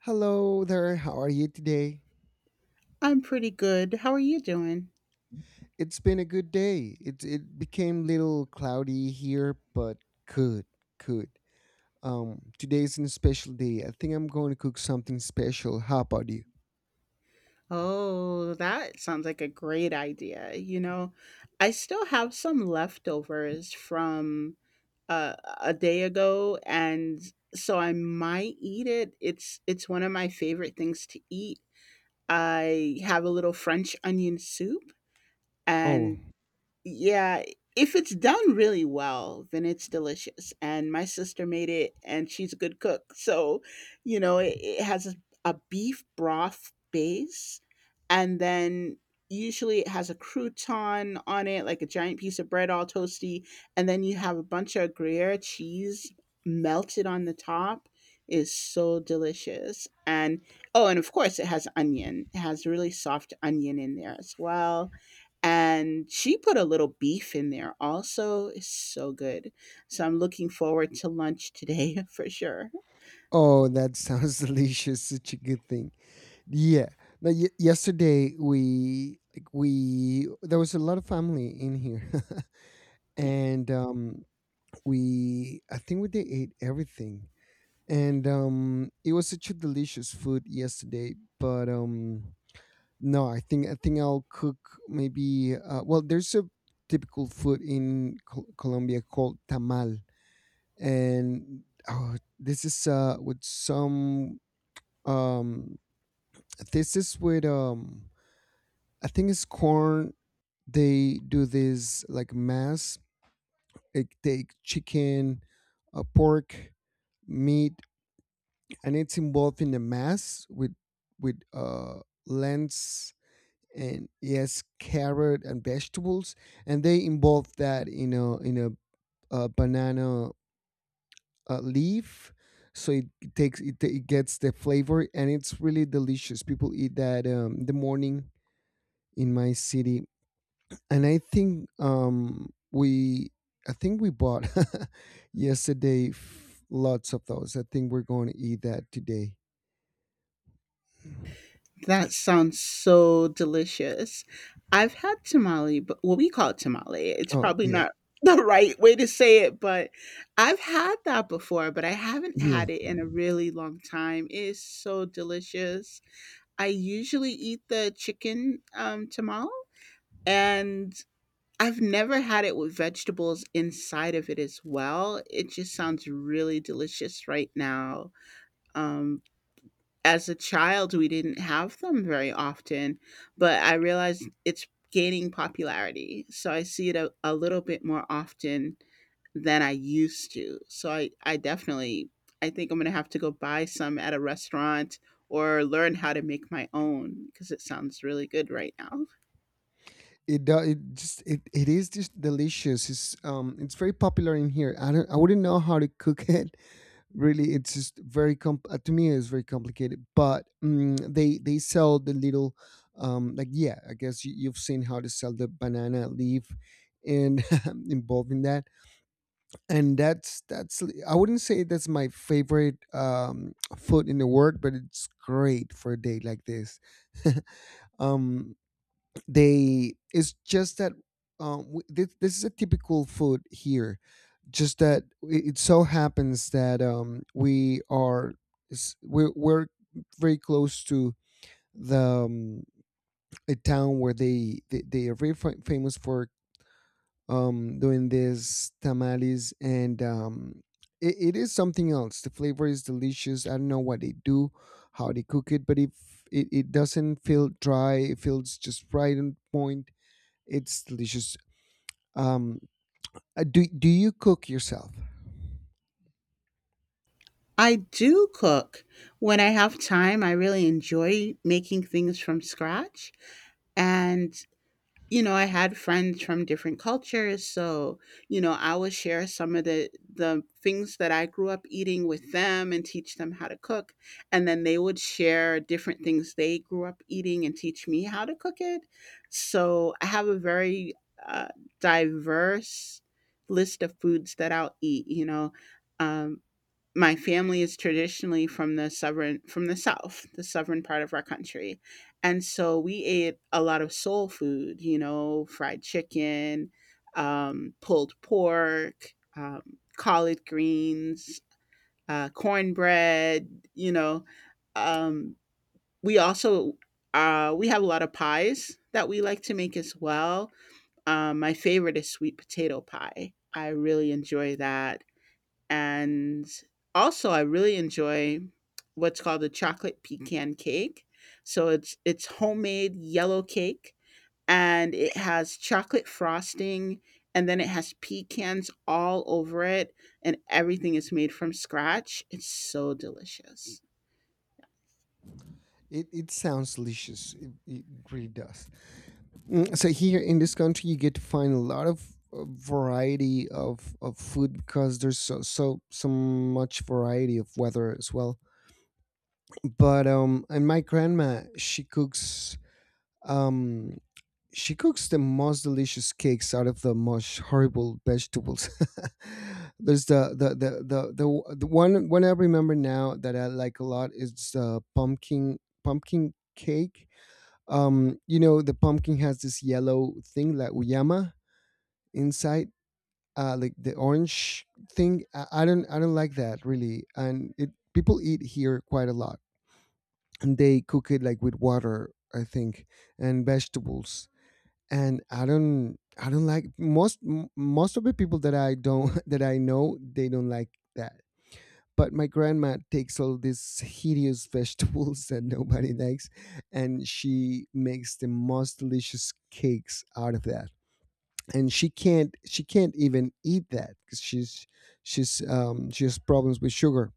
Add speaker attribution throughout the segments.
Speaker 1: Hello there. How are you today?
Speaker 2: I'm pretty good. How are you doing?
Speaker 1: It's been a good day. It became little cloudy here, but good, good. Today's a special day. I think I'm going to cook something special. How about you?
Speaker 2: Oh, that sounds like a great idea. You know, I still have some leftovers from a day ago, and so I might eat it. It's one of my favorite things to eat. I have a little French onion soup,
Speaker 1: Oh,
Speaker 2: and yeah, if it's done really well, then it's delicious. And my sister made it, and she's a good cook. So, you know, it has a beef broth base, and then usually it has a crouton on it, like a giant piece of bread, all toasty. And then you have a bunch of Gruyere cheese melted on the top. Is so delicious. And oh, and of course, it has onion. It has really soft onion in there as well, and she put a little beef in there also. It's so good, so I'm looking forward to lunch today for sure.
Speaker 1: oh, that sounds delicious. Such a good thing. Yeah. Now, yesterday we like we there was a lot of family in here,
Speaker 2: Yeah,
Speaker 1: and we I think we did ate everything, and it was such a delicious food yesterday, but no, I think I'll cook maybe, well, there's a typical food in Colombia called tamal. And oh, this is with some. um this is with. I think it's corn. They do this, like, mass. They take chicken, pork, meat, and it's involved in a mass with, with uh, lens, and yes, carrot and vegetables, and they involve that in a, banana, leaf, so it gets the flavor, and it's really delicious. People eat that, in the morning in my city. And I think, we I think we bought yesterday, lots of those. I think we're going to eat that today.
Speaker 2: that sounds so delicious. I've had tamale, but what we call it tamale, it's
Speaker 1: Oh
Speaker 2: probably
Speaker 1: yeah,
Speaker 2: not the right way to say it, but I've had that before, but I haven't
Speaker 1: yeah.
Speaker 2: had it in a really long time. It is so delicious. I usually eat the chicken tamale, and I've never had it with vegetables inside of it as well. It just sounds really delicious right now. Um, as a child, we didn't have them very often, but I realize it's gaining popularity. So I see it a little bit more often than I used to. So I definitely, I think I'm going to have to go buy some at a restaurant or learn how to make my own because it sounds really good right now.
Speaker 1: It does, it is just delicious. It's very popular in here. I wouldn't know how to cook it, really. It's just very com to me it's very complicated. But they sell the little, like, yeah, I guess you've seen how to sell the banana leaf and involved in that. And that's — I wouldn't say that's my favorite, food in the world, but it's great for a day like this. um they It's just that, this is a typical food here, just that it so happens that, we are, we're very close to the, um, a town where they are very, famous for, doing this tamales. And it is something else. The flavor is delicious. I don't know what they do, how they cook it, but if it doesn't feel dry, it feels just right on point. It's delicious. Um, do you cook yourself?
Speaker 2: I do cook when I have time. I really enjoy making things from scratch. And, you know, I had friends from different cultures. So, you know, I will share some of the things that I grew up eating with them and teach them how to cook. And then they would share different things they grew up eating and teach me how to cook it. So I have a very uh, diverse list of foods that I'll eat, you know. Um, my family is traditionally from the southern, from the south, the southern part of our country, and so we ate a lot of soul food, you know, fried chicken, pulled pork, collard greens, cornbread, you know, um, we also we have a lot of pies that we like to make as well. My favorite is sweet potato pie. I really enjoy that, and also I really enjoy what's called a chocolate pecan cake. So it's homemade yellow cake, and it has chocolate frosting, and then it has pecans all over it, and everything is made from scratch. It's so delicious.
Speaker 1: It sounds delicious. It really does. Mm. So here in this country, you get to find a lot of, variety of food, because there's so, so much variety of weather as well. But, and my grandma, she cooks, um the most delicious cakes out of the most horrible vegetables. There's the one I remember now that I like a lot is the pumpkin cake. You know, the pumpkin has this yellow thing, like uyama inside, like the orange thing. I don't like that really, and it people eat here quite a lot, and they cook it, like, with water, I think, and vegetables. And I don't like most, most of the people that I don't that I know, they don't like that. But my grandma takes all these hideous vegetables that nobody likes, and she makes the most delicious cakes out of that. And she can't even eat that because she has problems with sugar.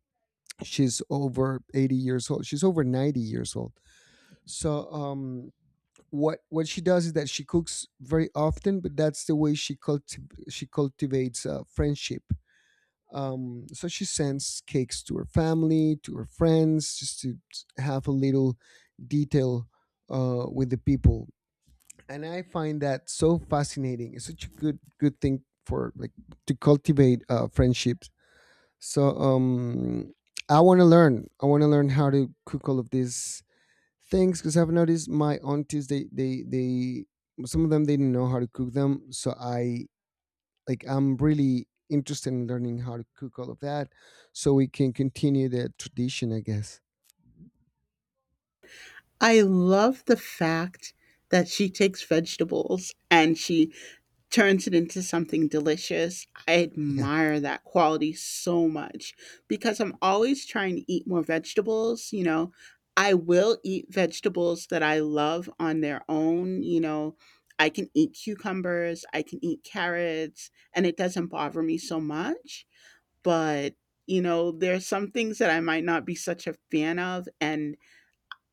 Speaker 1: She's over 80 years old, she's over 90 years old. So, what she does is that she cooks very often, but that's the way she cultivates, friendship. So she sends cakes to her family, to her friends, just to have a little detail, with the people. And I find that so fascinating. It's such a good thing, for, like, to cultivate, friendships. So, I want to learn. I want to learn how to cook all of these things, because I've noticed my aunties, they — some of them, they didn't know how to cook them, so I'm really interested in learning how to cook all of that, so we can continue the tradition, I guess.
Speaker 2: I love the fact that she takes vegetables and she turns it into something delicious. I
Speaker 1: Yeah.
Speaker 2: admire that quality so much because I'm always trying to eat more vegetables, you know. I will eat vegetables that I love on their own, you know. I can eat cucumbers, I can eat carrots, and it doesn't bother me so much, but you know, there's some things that I might not be such a fan of, and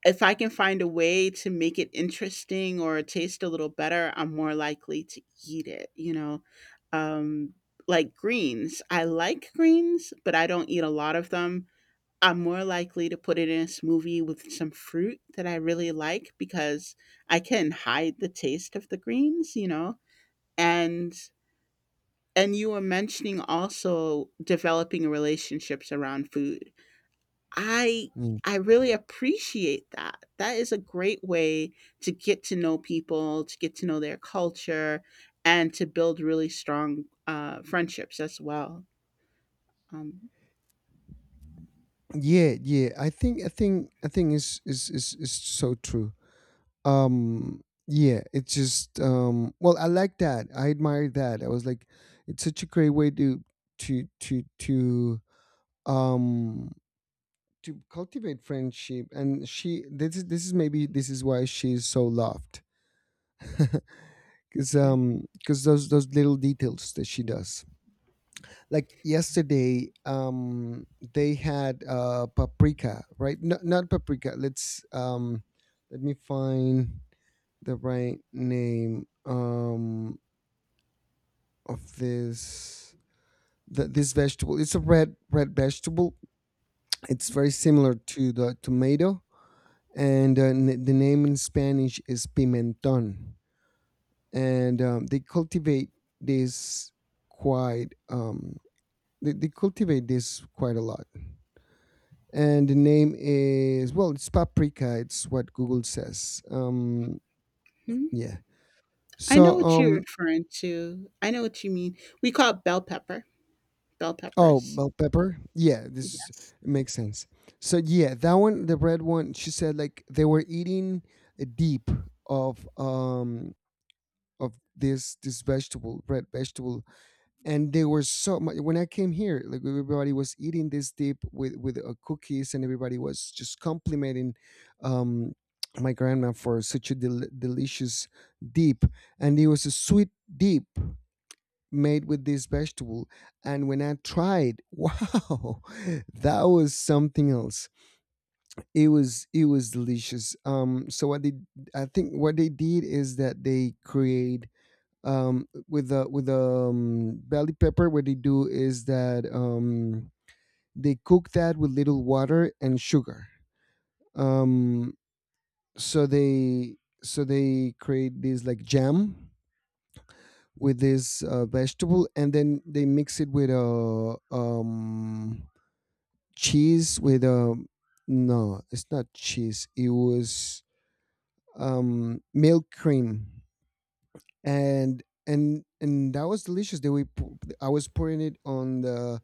Speaker 2: if I can find a way to make it interesting or taste a little better, I'm more likely to eat it, you know? Um, like greens, I like greens, but I don't eat a lot of them. I'm more likely to put it in a smoothie with some fruit that I really like because I can hide the taste of the greens, you know? And and you were mentioning also developing relationships around food. I
Speaker 1: Mm.
Speaker 2: I really appreciate that. That is a great way to get to know people, to get to know their culture, and to build really strong friendships as well. Um,
Speaker 1: Yeah, I think is so true. um yeah, it's just, well, I like that, I admire that, I was like, it's such a great way to to to um to cultivate friendship. And she this is maybe this is why she's so loved. Because those little details that she does, like yesterday, they had, paprika, right? No, not paprika. Let me find the right name, of this, this vegetable. It's a red vegetable. It's very similar to the tomato. And, the name in Spanish is pimenton. And, they cultivate this quite. They cultivate this quite a lot. And the name is, well, it's paprika. It's what Google says.
Speaker 2: hmm.
Speaker 1: Yeah.
Speaker 2: I
Speaker 1: So,
Speaker 2: know what you're referring to. I know what you mean. We call it bell pepper, bell
Speaker 1: oh,
Speaker 2: peppers.
Speaker 1: bell pepper. Yeah, this is,
Speaker 2: Yes.
Speaker 1: it makes sense. So yeah, that one, the red one. She said, like, they were eating a deep of, of this vegetable, red vegetable, and they were so much when I came here, like, everybody was eating this dip with, cookies, and everybody was just complimenting, um my grandma for such a, delicious dip. And it was a sweet dip made with this vegetable. And when I tried wow, that was something else. It was delicious. So what they I think what they did is that they create, with the, belly pepper. What they do is that, they cook that with little water and sugar. Um, so they create this, like, jam with this, vegetable, and then they mix it with a, cheese with a — no, it's not cheese. It was, milk cream, and that was delicious. They we I was pouring it on the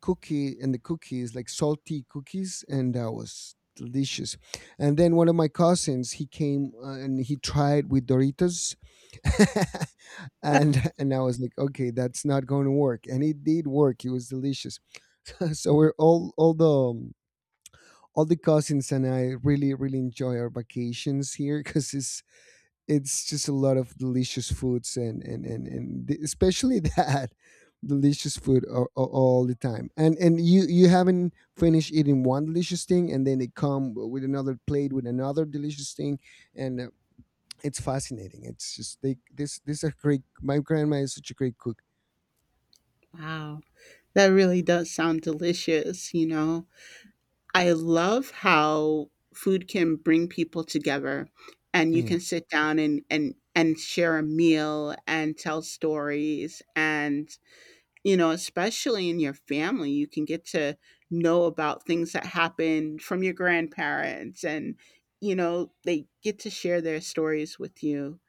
Speaker 1: cookie, and the cookies, like salty cookies, and that was delicious. And then one of my cousins, he came, and he tried with Doritos. And I was like, okay, that's not going to work, and it did work. It was delicious. So we're all the, all the cousins and I really, really enjoy our vacations here, because it's just a lot of delicious foods, and especially that delicious food all the time. And you haven't finished eating one delicious thing, and then they come with another plate with another delicious thing. And, it's fascinating. It's just they this this a great — my grandma is such a great cook.
Speaker 2: Wow. That really does sound delicious, you know? I love how food can bring people together, and you
Speaker 1: yeah
Speaker 2: can sit down and and share a meal and tell stories. And you know, especially in your family, you can get to know about things that happened from your grandparents, and you know, they get to share their stories with you.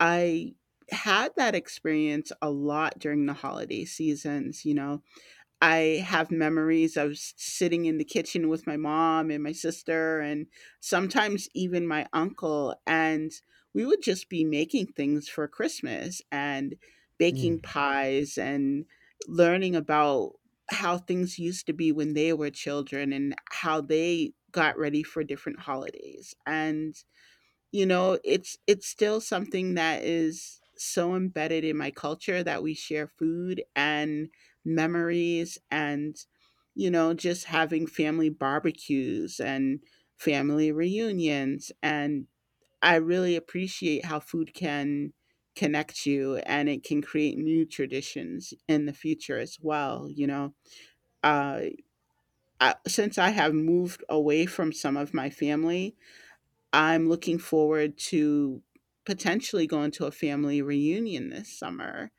Speaker 2: I had that experience a lot during the holiday seasons, you know. I have memories of s- sitting in the kitchen with my mom and my sister, and sometimes even my uncle. And we would just be making things for Christmas and
Speaker 1: yeah
Speaker 2: baking pies and learning about how things used to be when they were children and how they got ready for different holidays. And you know, it's still something that is so embedded in my culture that we share food and memories, and you know, just having family barbecues and family reunions. And I really appreciate how food can connect you and it can create new traditions in the future as well, you know. Uh, I, since I have moved away from some of my family, I'm looking forward to potentially going to a family reunion this summer.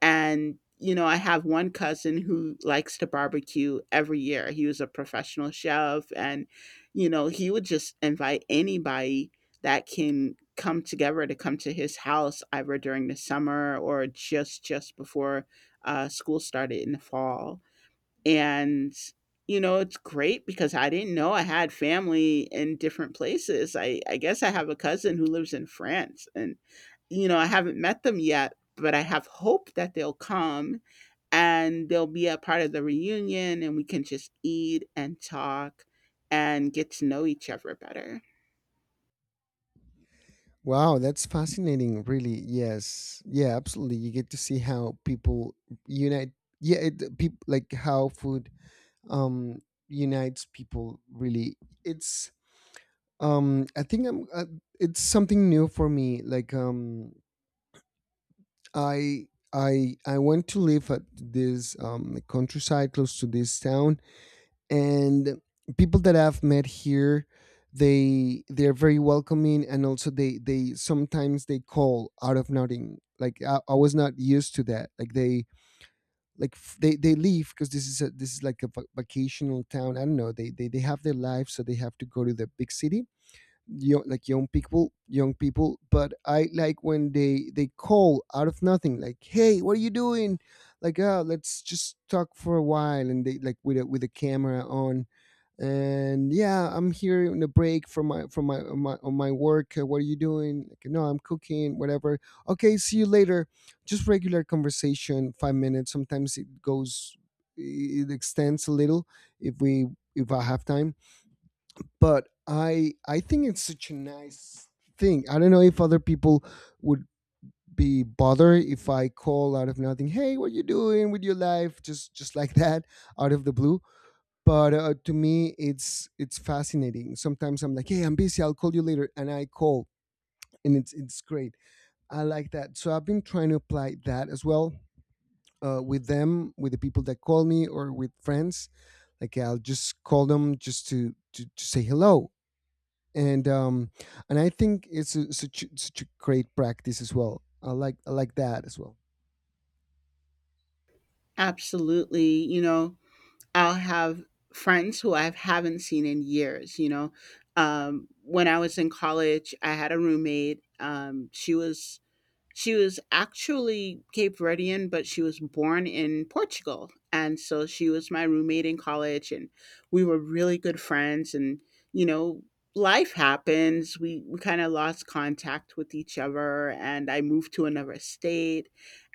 Speaker 2: And, you know, I have one cousin who likes to barbecue every year. He was a professional chef and, you know, he would just invite anybody that can come together to come to his house either during the summer or just before school started in the fall. And, you know, it's great because I didn't know I had family in different places. I guess I have a cousin who lives in France and, you know, I haven't met them yet, but I have hope that they'll come and they'll be a part of the reunion and we can just eat and talk and get to know each other better.
Speaker 1: Wow, that's fascinating. Really, yes, yeah, absolutely. You get to see how people unite. Yeah, people, like, how food, um unites people. Really, it's. I think I'm. It's something new for me. Like, I went to live at this, countryside close to this town, and people that I've met here, they're very welcoming, and also they sometimes they call out of nothing, like, I was not used to that, like they like f- they leave, because this is like a, vacational town. I don't know, they have their life, so they have to go to the big city young, like, young people. But I like when they call out of nothing, like, hey, what are you doing, like, oh, let's just talk for a while. And they, like, with a, camera on. And yeah, I'm here in a break from my, on my, work, what are you doing? Like, no, I'm cooking whatever. Okay, see you later. Just regular conversation, 5 minutes. Sometimes it goes, it extends a little if we if I have time. But I think it's such a nice thing. I don't know if other people would be bothered if I call out of nothing, hey, what are you doing with your life, just like that, out of the blue. But, to me, it's fascinating. Sometimes I'm like, hey, I'm busy, I'll call you later, and I call, and it's great, I like that. So I've been trying to apply that as well, with the people that call me, or with friends. Like, I'll just call them just to say hello. And, and I think it's such such a great practice as well. I like that as well.
Speaker 2: Absolutely. You know, I'll have friends who I haven't seen in years, you know. When I was in college, I had a roommate. She was she was actually Cape Verdean, but she was born in Portugal. And so she was my roommate in college, and we were really good friends. And, you know, life happens. We kind of lost contact with each other, and I moved to another state.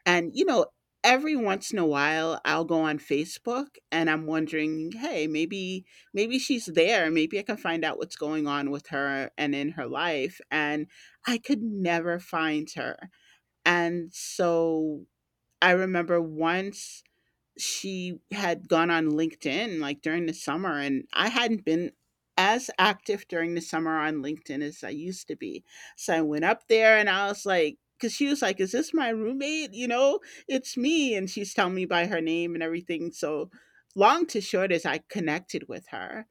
Speaker 2: And, you know, every once in a while, I'll go on Facebook and I'm wondering, hey, maybe maybe she's there. Maybe I can find out what's going on with her and in her life. And I could never find her. And so I remember once she had gone on LinkedIn like during the summer, and I hadn't been as active during the summer on LinkedIn as I used to be. So I went up there and I was like, because she was like, is this my roommate? You know, it's me. And she's telling me by her name and everything. So long to short is I connected with her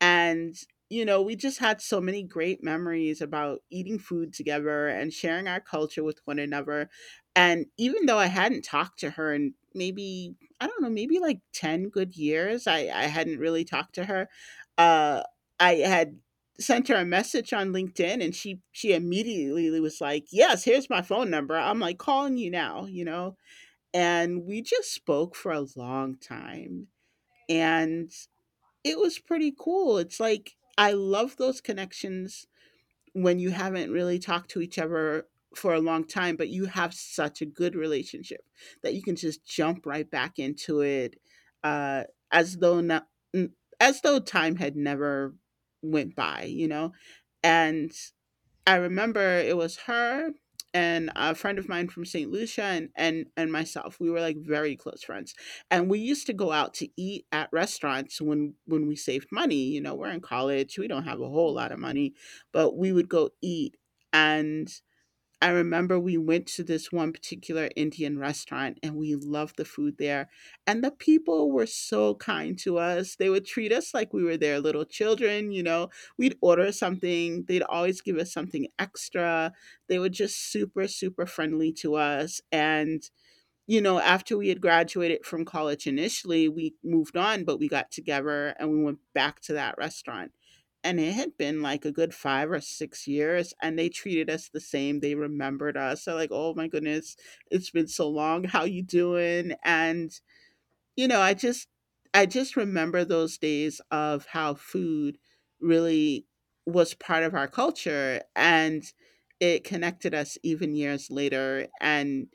Speaker 2: and, you know, we just had so many great memories about eating food together and sharing our culture with one another. And even though I hadn't talked to her in maybe, I don't know, maybe like 10 good years, I hadn't really talked to her. Uh, I had sent her a message on LinkedIn, and she immediately was like, "Yes, here's my phone number. I'm like calling you now, you know." And we just spoke for a long time. And it was pretty cool. It's like I love those connections when you haven't really talked to each other for a long time, but you have such a good relationship that you can just jump right back into it, uh, as though not, as though time had never went by, you know, and I remember it was her and a friend of mine from St. Lucia and, and myself. We were like very close friends. And we used to go out to eat at restaurants when we saved money. You know, we're in college, we don't have a whole lot of money, but we would go eat. And I remember we went to this one particular Indian restaurant and we loved the food there. And the people were so kind to us. They would treat us like we were their little children, you know. We'd order something, they'd always give us something extra. They were just super super friendly to us. And you know, after we had graduated from college initially, we moved on, but we got together and we went back to that restaurant. And it had been like a good 5 or 6 years, and they treated us the same. They remembered us. They're like, "Oh my goodness, it's been so long. How you doing?" And you know, I just remember those days of how food really was part of our culture, and it connected us even years later. And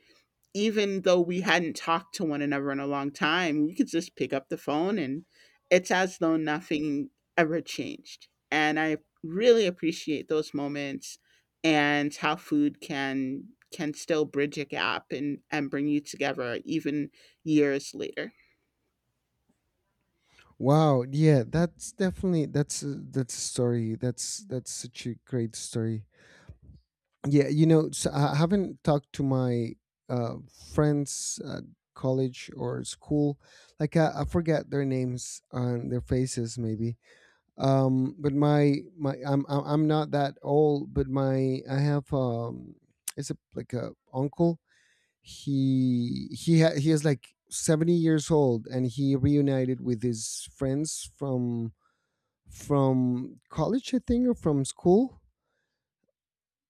Speaker 2: even though we hadn't talked to one another in a long time, we could just pick up the phone and it's as though nothing ever changed. And I really appreciate those moments and how food can still bridge a gap and bring you together even years later.
Speaker 1: Wow, yeah, that's definitely, that's a story, that's such a great story. Yeah, you know, so I haven't talked to my, uh, friends at college or school. Like, I forget their names and their faces, maybe. But my I'm not that old, but my I have, it's a, like, a uncle. He is like 70 years old, and he reunited with his friends from, college, I think, or from school.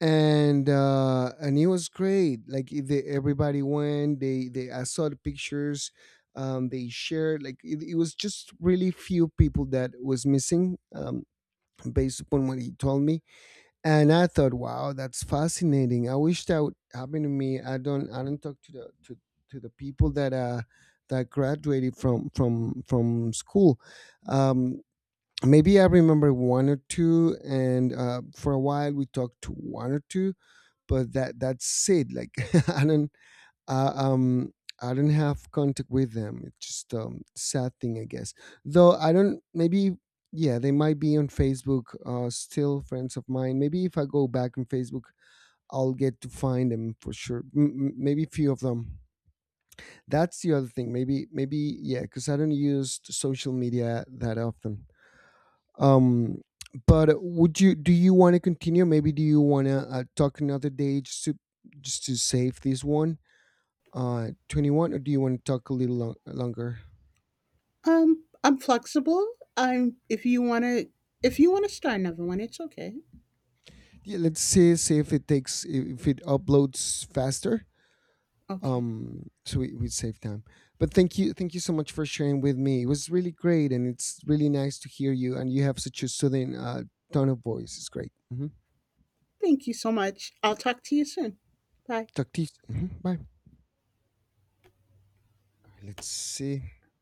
Speaker 1: And it was great, like, they, everybody went. They I saw the pictures, they shared, like, it was just really few people that was missing, based upon what he told me. And I thought, wow, that's fascinating, I wish that would happen to me. I don't talk to the, to the people that, that graduated from, from school. um maybe I remember one or two, and, for a while we talked to one or two, but that's it, like, i don't uh, um I don't have contact with them. It's just, sad thing, I guess. Though I don't maybe, yeah, they might be on Facebook, still friends of mine. Maybe if I go back on Facebook, I'll get to find them for sure. Maybe few of them, that's the other thing. Maybe, yeah, because I don't use social media that often. um, but would you do you want to continue? Maybe do you want to, talk another day, just to, save this one, 21, or do you want to talk a little, longer?
Speaker 2: I'm flexible. I'm if you wanna start another one, it's okay.
Speaker 1: Yeah, let's see if it takes, if it uploads faster.
Speaker 2: Okay.
Speaker 1: So we save time. But thank you so much for sharing with me. It was really great, and it's really nice to hear you. And you have such a soothing, tone of voice. It's great. Hmm.
Speaker 2: Thank you so much. I'll talk to you soon. Bye.
Speaker 1: Talk to you. Hmm. Bye. Let's see.